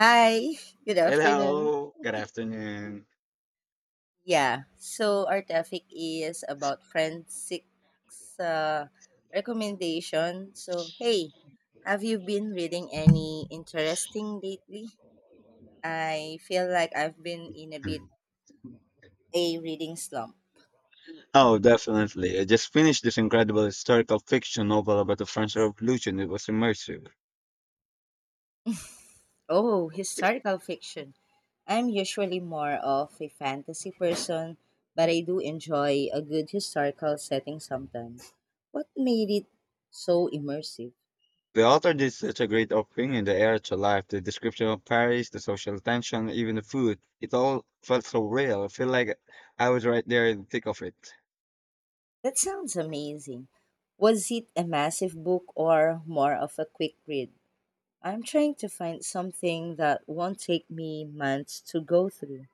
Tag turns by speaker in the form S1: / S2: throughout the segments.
S1: Hi, good afternoon.
S2: Hello, good afternoon.
S1: Yeah, so our topic is about friend six uh, recommendation. So, hey, have you been reading any interesting lately? I feel like I've been in a bit a reading slump.
S2: Oh, definitely. I just finished this incredible historical fiction novel about the French Revolution. It was immersive.
S1: Oh, historical fiction. I'm usually more of a fantasy person, but I do enjoy a good historical setting sometimes. What made it so immersive?
S2: The author did such a great offering in the era to life, the description of Paris, the social tension, even the food. It all felt so real. I feel like I was right there in the thick of it.
S1: That sounds amazing. Was it a massive book or more of a quick read? I'm trying to find something that won't take me months to go through.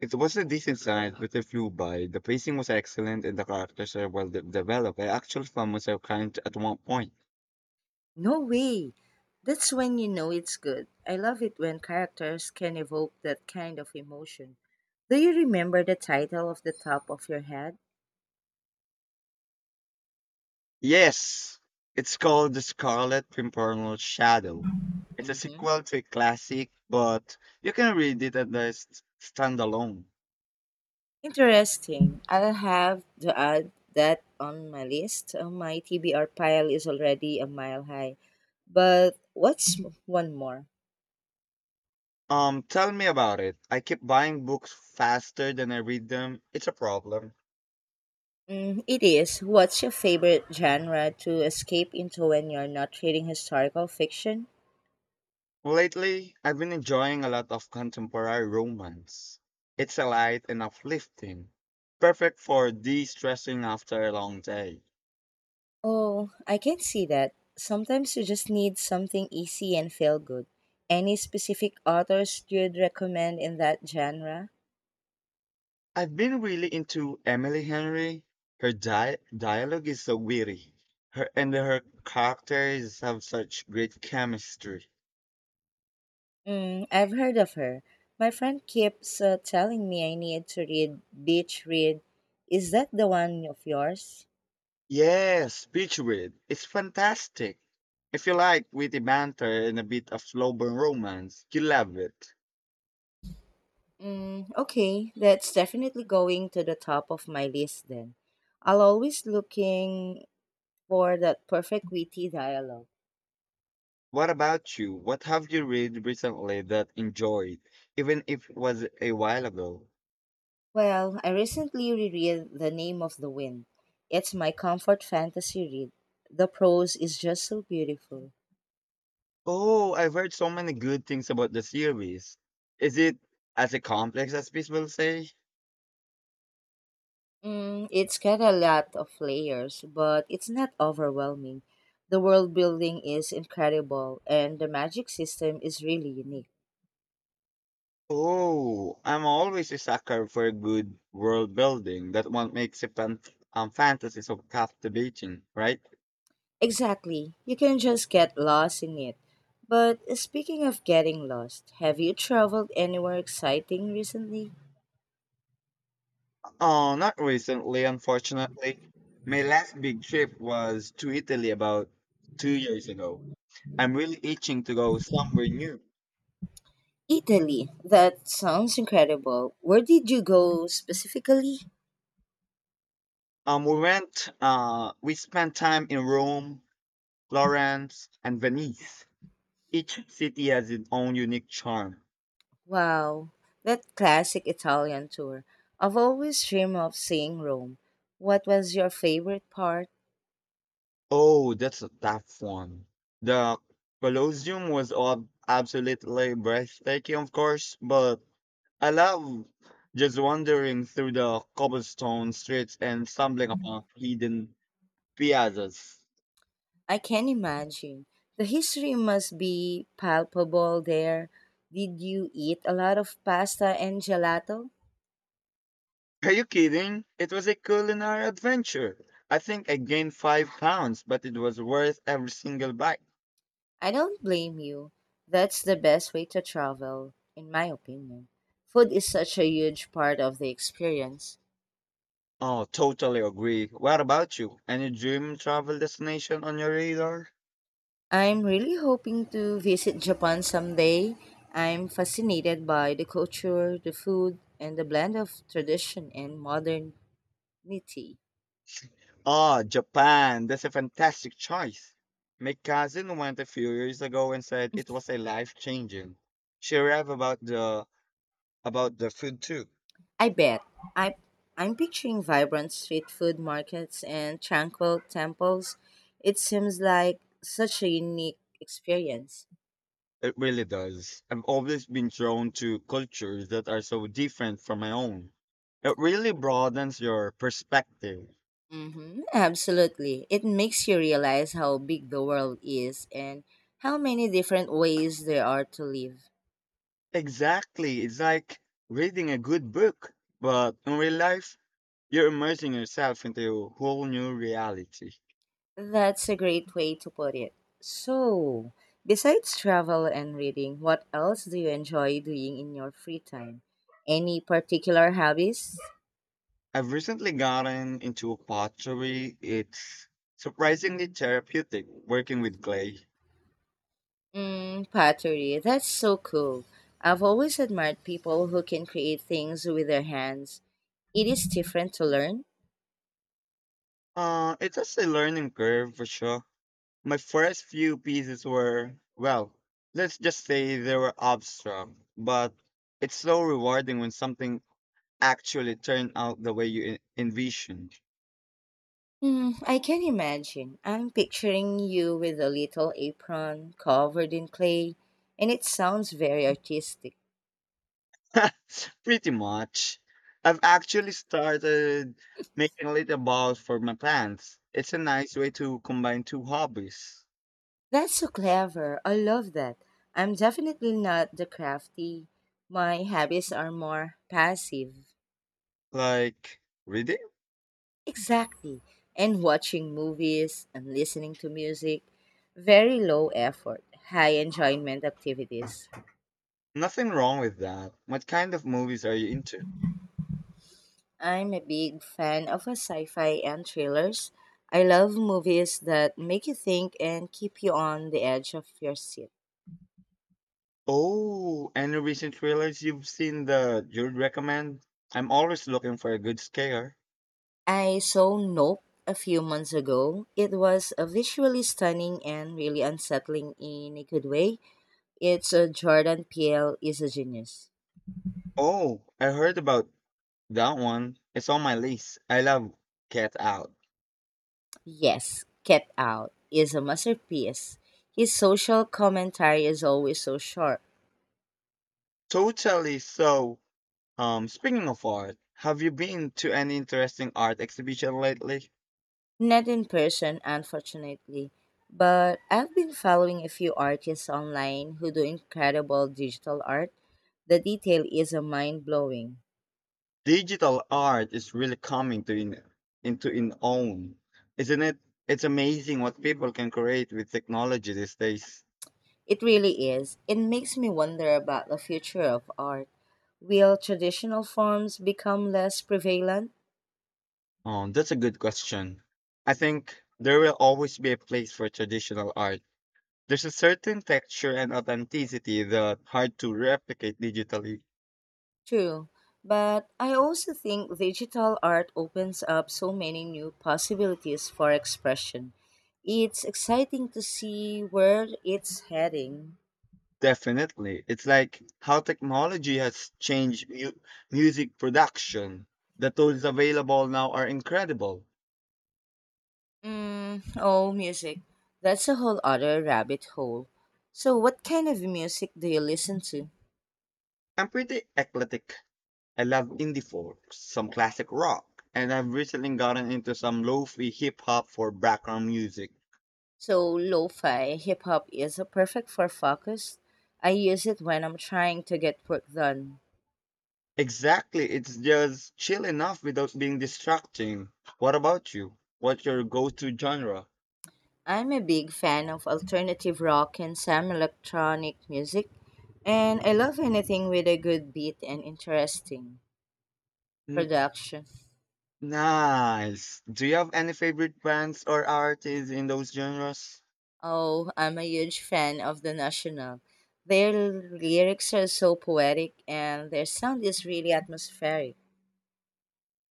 S2: It was a decent size, but it flew by. The pacing was excellent and the characters are well developed. I actually found myself crying at one point.
S1: No way! That's when you know it's good. I love it when characters can evoke that kind of emotion. Do you remember the title of the top of your head?
S2: Yes, it's called The Scarlet Pimpernel Shadow. It's a
S1: Hmm.
S2: sequel to a classic, but you can read it at the standalone.
S1: Interesting. I'll have to add that on my list. My TBR pile is already a mile high. But what's one more?
S2: Tell me about it. I keep buying books faster than I read them. It's a problem.
S1: Mm, it is. What's your favorite genre to escape into when you're not reading historical fiction?
S2: Lately, I've been enjoying a lot of contemporary romance. It's a light and uplifting, perfect for de-stressing after a long day.
S1: Oh, I can see that. Sometimes you just need something easy and feel good. Any specific authors you'd recommend in that genre?
S2: I've been really into Emily Henry. Her dialogue is so witty. Her and her characters have such great chemistry.
S1: Mm, I've heard of her. My friend keeps telling me I need to read Beach Read. Is that the one of yours?
S2: Yes, Beechwood. It's fantastic. If you like witty banter and a bit of lowbrow romance, you love it.
S1: Mm, okay, that's definitely going to the top of my list then. I'll always looking for that perfect witty dialogue.
S2: What about you? What have you read recently that enjoyed, even if it was a while ago?
S1: Well, I recently reread The Name of the Wind. It's my comfort fantasy read. The prose is just so beautiful.
S2: Oh, I've heard so many good things about the series. Is it as a complex as people say?
S1: Mm, it's got a lot of layers, but it's not overwhelming. The world building is incredible, and the magic system is really unique.
S2: Oh, I'm always a sucker for a good world building. That one makes a fan fantasy so captivating, right?
S1: Exactly, you can just get lost in it. But speaking of getting lost, have you traveled anywhere exciting recently?
S2: Oh, not recently, unfortunately. My last big trip was to Italy about 2 years ago. I'm really itching to go somewhere new.
S1: Italy. That sounds incredible. Where did you go specifically?
S2: We spent time in Rome, Florence, and Venice. Each city has its own unique charm.
S1: Wow, that classic Italian tour. I've always dreamed of seeing Rome. What was your favorite part?
S2: Oh, that's a tough one. The Colosseum was absolutely breathtaking, of course, but I love just wandering through the cobblestone streets and stumbling upon hidden piazzas.
S1: I can imagine. The history must be palpable there. Did you eat a lot of pasta and gelato?
S2: Are you kidding? It was a culinary adventure. I think I gained 5 pounds, but it was worth every single bite.
S1: I don't blame you. That's the best way to travel, in my opinion. Food is such a huge part of the experience.
S2: Oh, totally agree. What about you? Any dream travel destination on your radar?
S1: I'm really hoping to visit Japan someday. I'm fascinated by the culture, the food, and the blend of tradition and modernity.
S2: Ah, Japan. That's a fantastic choice. My cousin went a few years ago and said it was a life changing. She raved about the food too.
S1: I bet. I, I'm picturing vibrant street food markets and tranquil temples. It seems like such a unique experience.
S2: It really does. I've always been drawn to cultures that are so different from my own. It really broadens your perspective.
S1: Mm-hmm, absolutely. It makes you realize how big the world is and how many different ways there are to live.
S2: Exactly. It's like reading a good book, but in real life, you're immersing yourself into a whole new reality.
S1: That's a great way to put it. So, besides travel and reading, what else do you enjoy doing in your free time? Any particular hobbies?
S2: I've recently gotten into pottery. It's surprisingly therapeutic working with clay.
S1: Mm, pottery. That's so cool. I've always admired people who can create things with their hands. It is different to learn.
S2: It's just a learning curve for sure. My first few pieces were, well, let's just say they were abstract, but it's so rewarding when something actually turned out the way you envisioned.
S1: Hmm, I can imagine. I'm picturing you with a little apron covered in clay, and it sounds very artistic.
S2: Pretty much. I've actually started making little balls for my plants. It's a nice way to combine two hobbies.
S1: That's so clever. I love that. I'm definitely not the crafty. My habits are more passive.
S2: Like reading?
S1: Exactly. And watching movies and listening to music. Very low effort, high enjoyment activities.
S2: Nothing wrong with that. What kind of movies are you into?
S1: I'm a big fan of a sci-fi and thrillers. I love movies that make you think and keep you on the edge of your seat.
S2: Oh, any recent thrillers you've seen that you'd recommend? I'm always looking for a good scare.
S1: I saw Nope a few months ago. It was a visually stunning and really unsettling in a good way. It's a Jordan Peele is a genius.
S2: Oh, I heard about that one. It's on my list. I love Get Out.
S1: Yes, Get Out is a masterpiece. His social commentary is always so sharp.
S2: Totally. So, speaking of art, have you been to any interesting art exhibition lately?
S1: Not in person, unfortunately. But I've been following a few artists online who do incredible digital art. The detail is mind blowing.
S2: Digital art is really into its own, isn't it? It's amazing what people can create with technology these days.
S1: It really is. It makes me wonder about the future of art. Will traditional forms become less prevalent?
S2: That's a good question. I think there will always be a place for traditional art. There's a certain texture and authenticity that hard to replicate digitally.
S1: True. But I also think digital art opens up so many new possibilities for expression. It's exciting to see where it's heading.
S2: Definitely, it's like how technology has changed music production. The tools available now are incredible.
S1: Mm, oh, music. That's a whole other rabbit hole. So, what kind of music do you listen to?
S2: I'm pretty eclectic. I love indie folk, some classic rock, and I've recently gotten into some lo-fi hip hop for background music.
S1: So lo-fi hip hop is perfect for focus. I use it when I'm trying to get work done.
S2: Exactly, it's just chill enough without being distracting. What about you? What's your go-to genre?
S1: I'm a big fan of alternative rock and some electronic music, and I love anything with a good beat and interesting
S2: N-
S1: production.
S2: Nice. Do you have any favorite bands or artists in those genres?
S1: Oh, I'm a huge fan of The National. Their lyrics are so poetic and their sound is really atmospheric.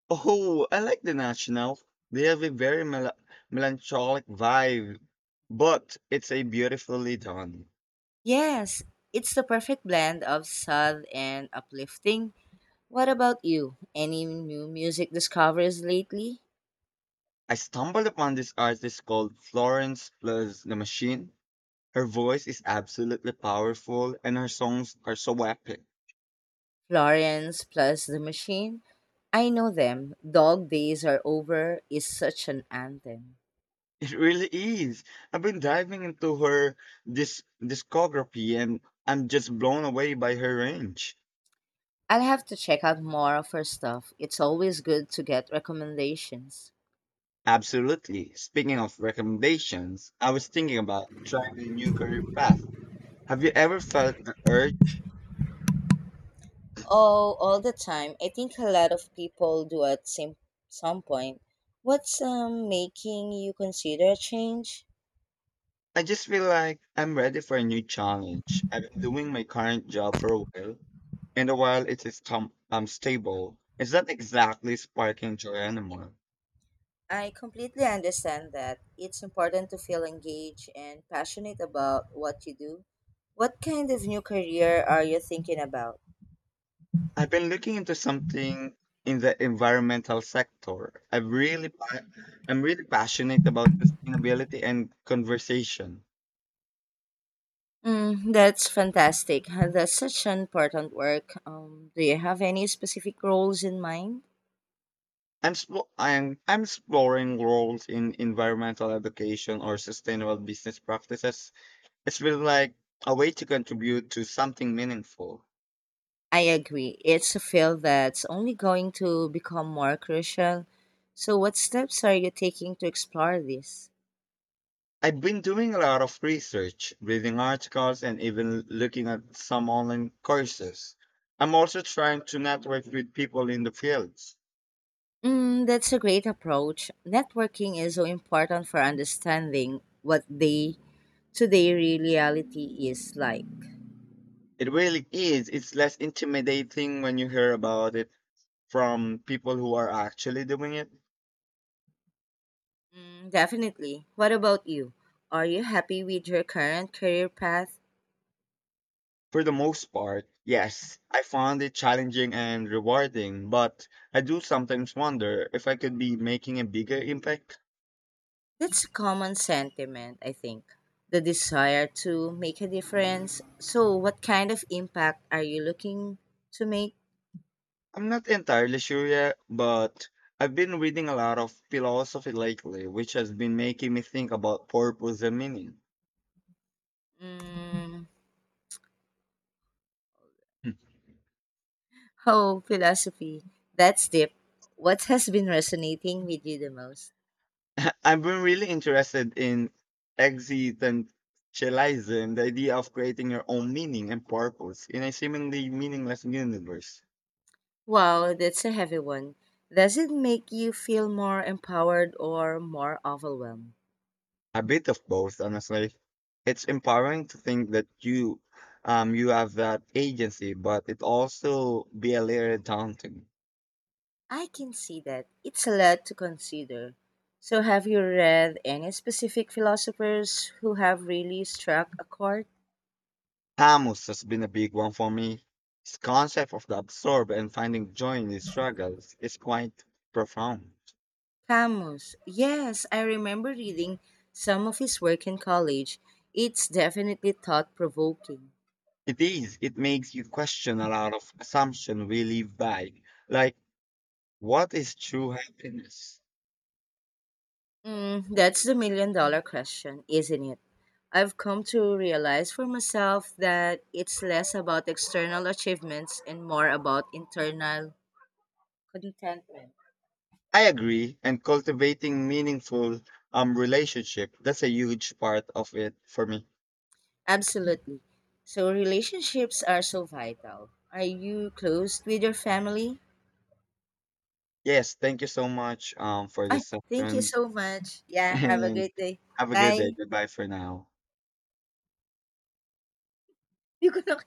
S2: Oh, I like The National. They have a very melancholic vibe, but it's a beautifully done.
S1: Yes, it's the perfect blend of sad and uplifting. What about you? Any new music discoveries lately?
S2: I stumbled upon this artist called Florence Plus the Machine. Her voice is absolutely powerful and her songs are so epic.
S1: Florence plus the Machine? I know them. Dog Days Are Over is such an anthem.
S2: It really is. I've been diving into her this discography and I'm just blown away by her range.
S1: I'll have to check out more of her stuff. It's always good to get recommendations.
S2: Absolutely. Speaking of recommendations, I was thinking about trying a new career path. Have you ever felt the urge?
S1: Oh, all the time. I think a lot of people do at some point. What's making you consider a change?
S2: I just feel like I'm ready for a new challenge. I've been doing my current job for a while, and a while it is stable, it's not exactly sparking joy anymore.
S1: I completely understand that. It's important to feel engaged and passionate about what you do. What kind of new career are you thinking about?
S2: I've been looking into something in the environmental sector. I'm really passionate about sustainability and conversation.
S1: Mm, that's fantastic. Huh, that's such an important work. Do you have any specific roles in mind?
S2: I'm exploring roles in environmental education or sustainable business practices. It's really like a way to contribute to something meaningful.
S1: I agree. It's a field that's only going to become more crucial. So, what steps are you taking to explore this?
S2: I've been doing a lot of research, reading articles, and even looking at some online courses. I'm also trying to network with people in the fields.
S1: Mm, that's a great approach. Networking is so important for understanding what they today, reality is like.
S2: It really is. It's less intimidating when you hear about it from people who are actually doing it.
S1: Mm, definitely. What about you? Are you happy with your current career path?
S2: For the most part, yes, I found it challenging and rewarding, but I do sometimes wonder if I could be making a bigger impact.
S1: That's a common sentiment, I think. The desire to make a difference. So, what kind of impact are you looking to make?
S2: I'm not entirely sure yet, but I've been reading a lot of philosophy lately, which has been making me think about purpose and meaning.
S1: Mm, oh, philosophy. That's deep. What has been resonating with you the most?
S2: I've been really interested in existentialism, the idea of creating your own meaning and purpose in a seemingly meaningless universe.
S1: Wow, that's a heavy one. Does it make you feel more empowered or more overwhelmed?
S2: A bit of both, honestly. It's empowering to think that you have that agency, but it also be a little daunting.
S1: I can see that. It's a lot to consider. So, have you read any specific philosophers who have really struck a chord?
S2: Camus has been a big one for me. His concept of the absurd and finding joy in his struggles is quite profound.
S1: Camus. Yes, I remember reading some of his work in college. It's definitely thought provoking.
S2: It is. It makes you question a lot of assumptions we live by, like what is true happiness.
S1: Mm, that's the million dollar question, isn't it? I've come to realize for myself that it's less about external achievements and more about internal contentment.
S2: I agree, and cultivating meaningful relationship that's a huge part of it for me.
S1: Absolutely. So relationships are so vital. Are you close with your family?
S2: Yes, thank you so much for
S1: Ay,
S2: this
S1: thank you
S2: session,
S1: so much. Yeah, have a
S2: and
S1: great day.
S2: have a good day.
S1: Bye.
S2: Goodbye for now.
S1: You could not-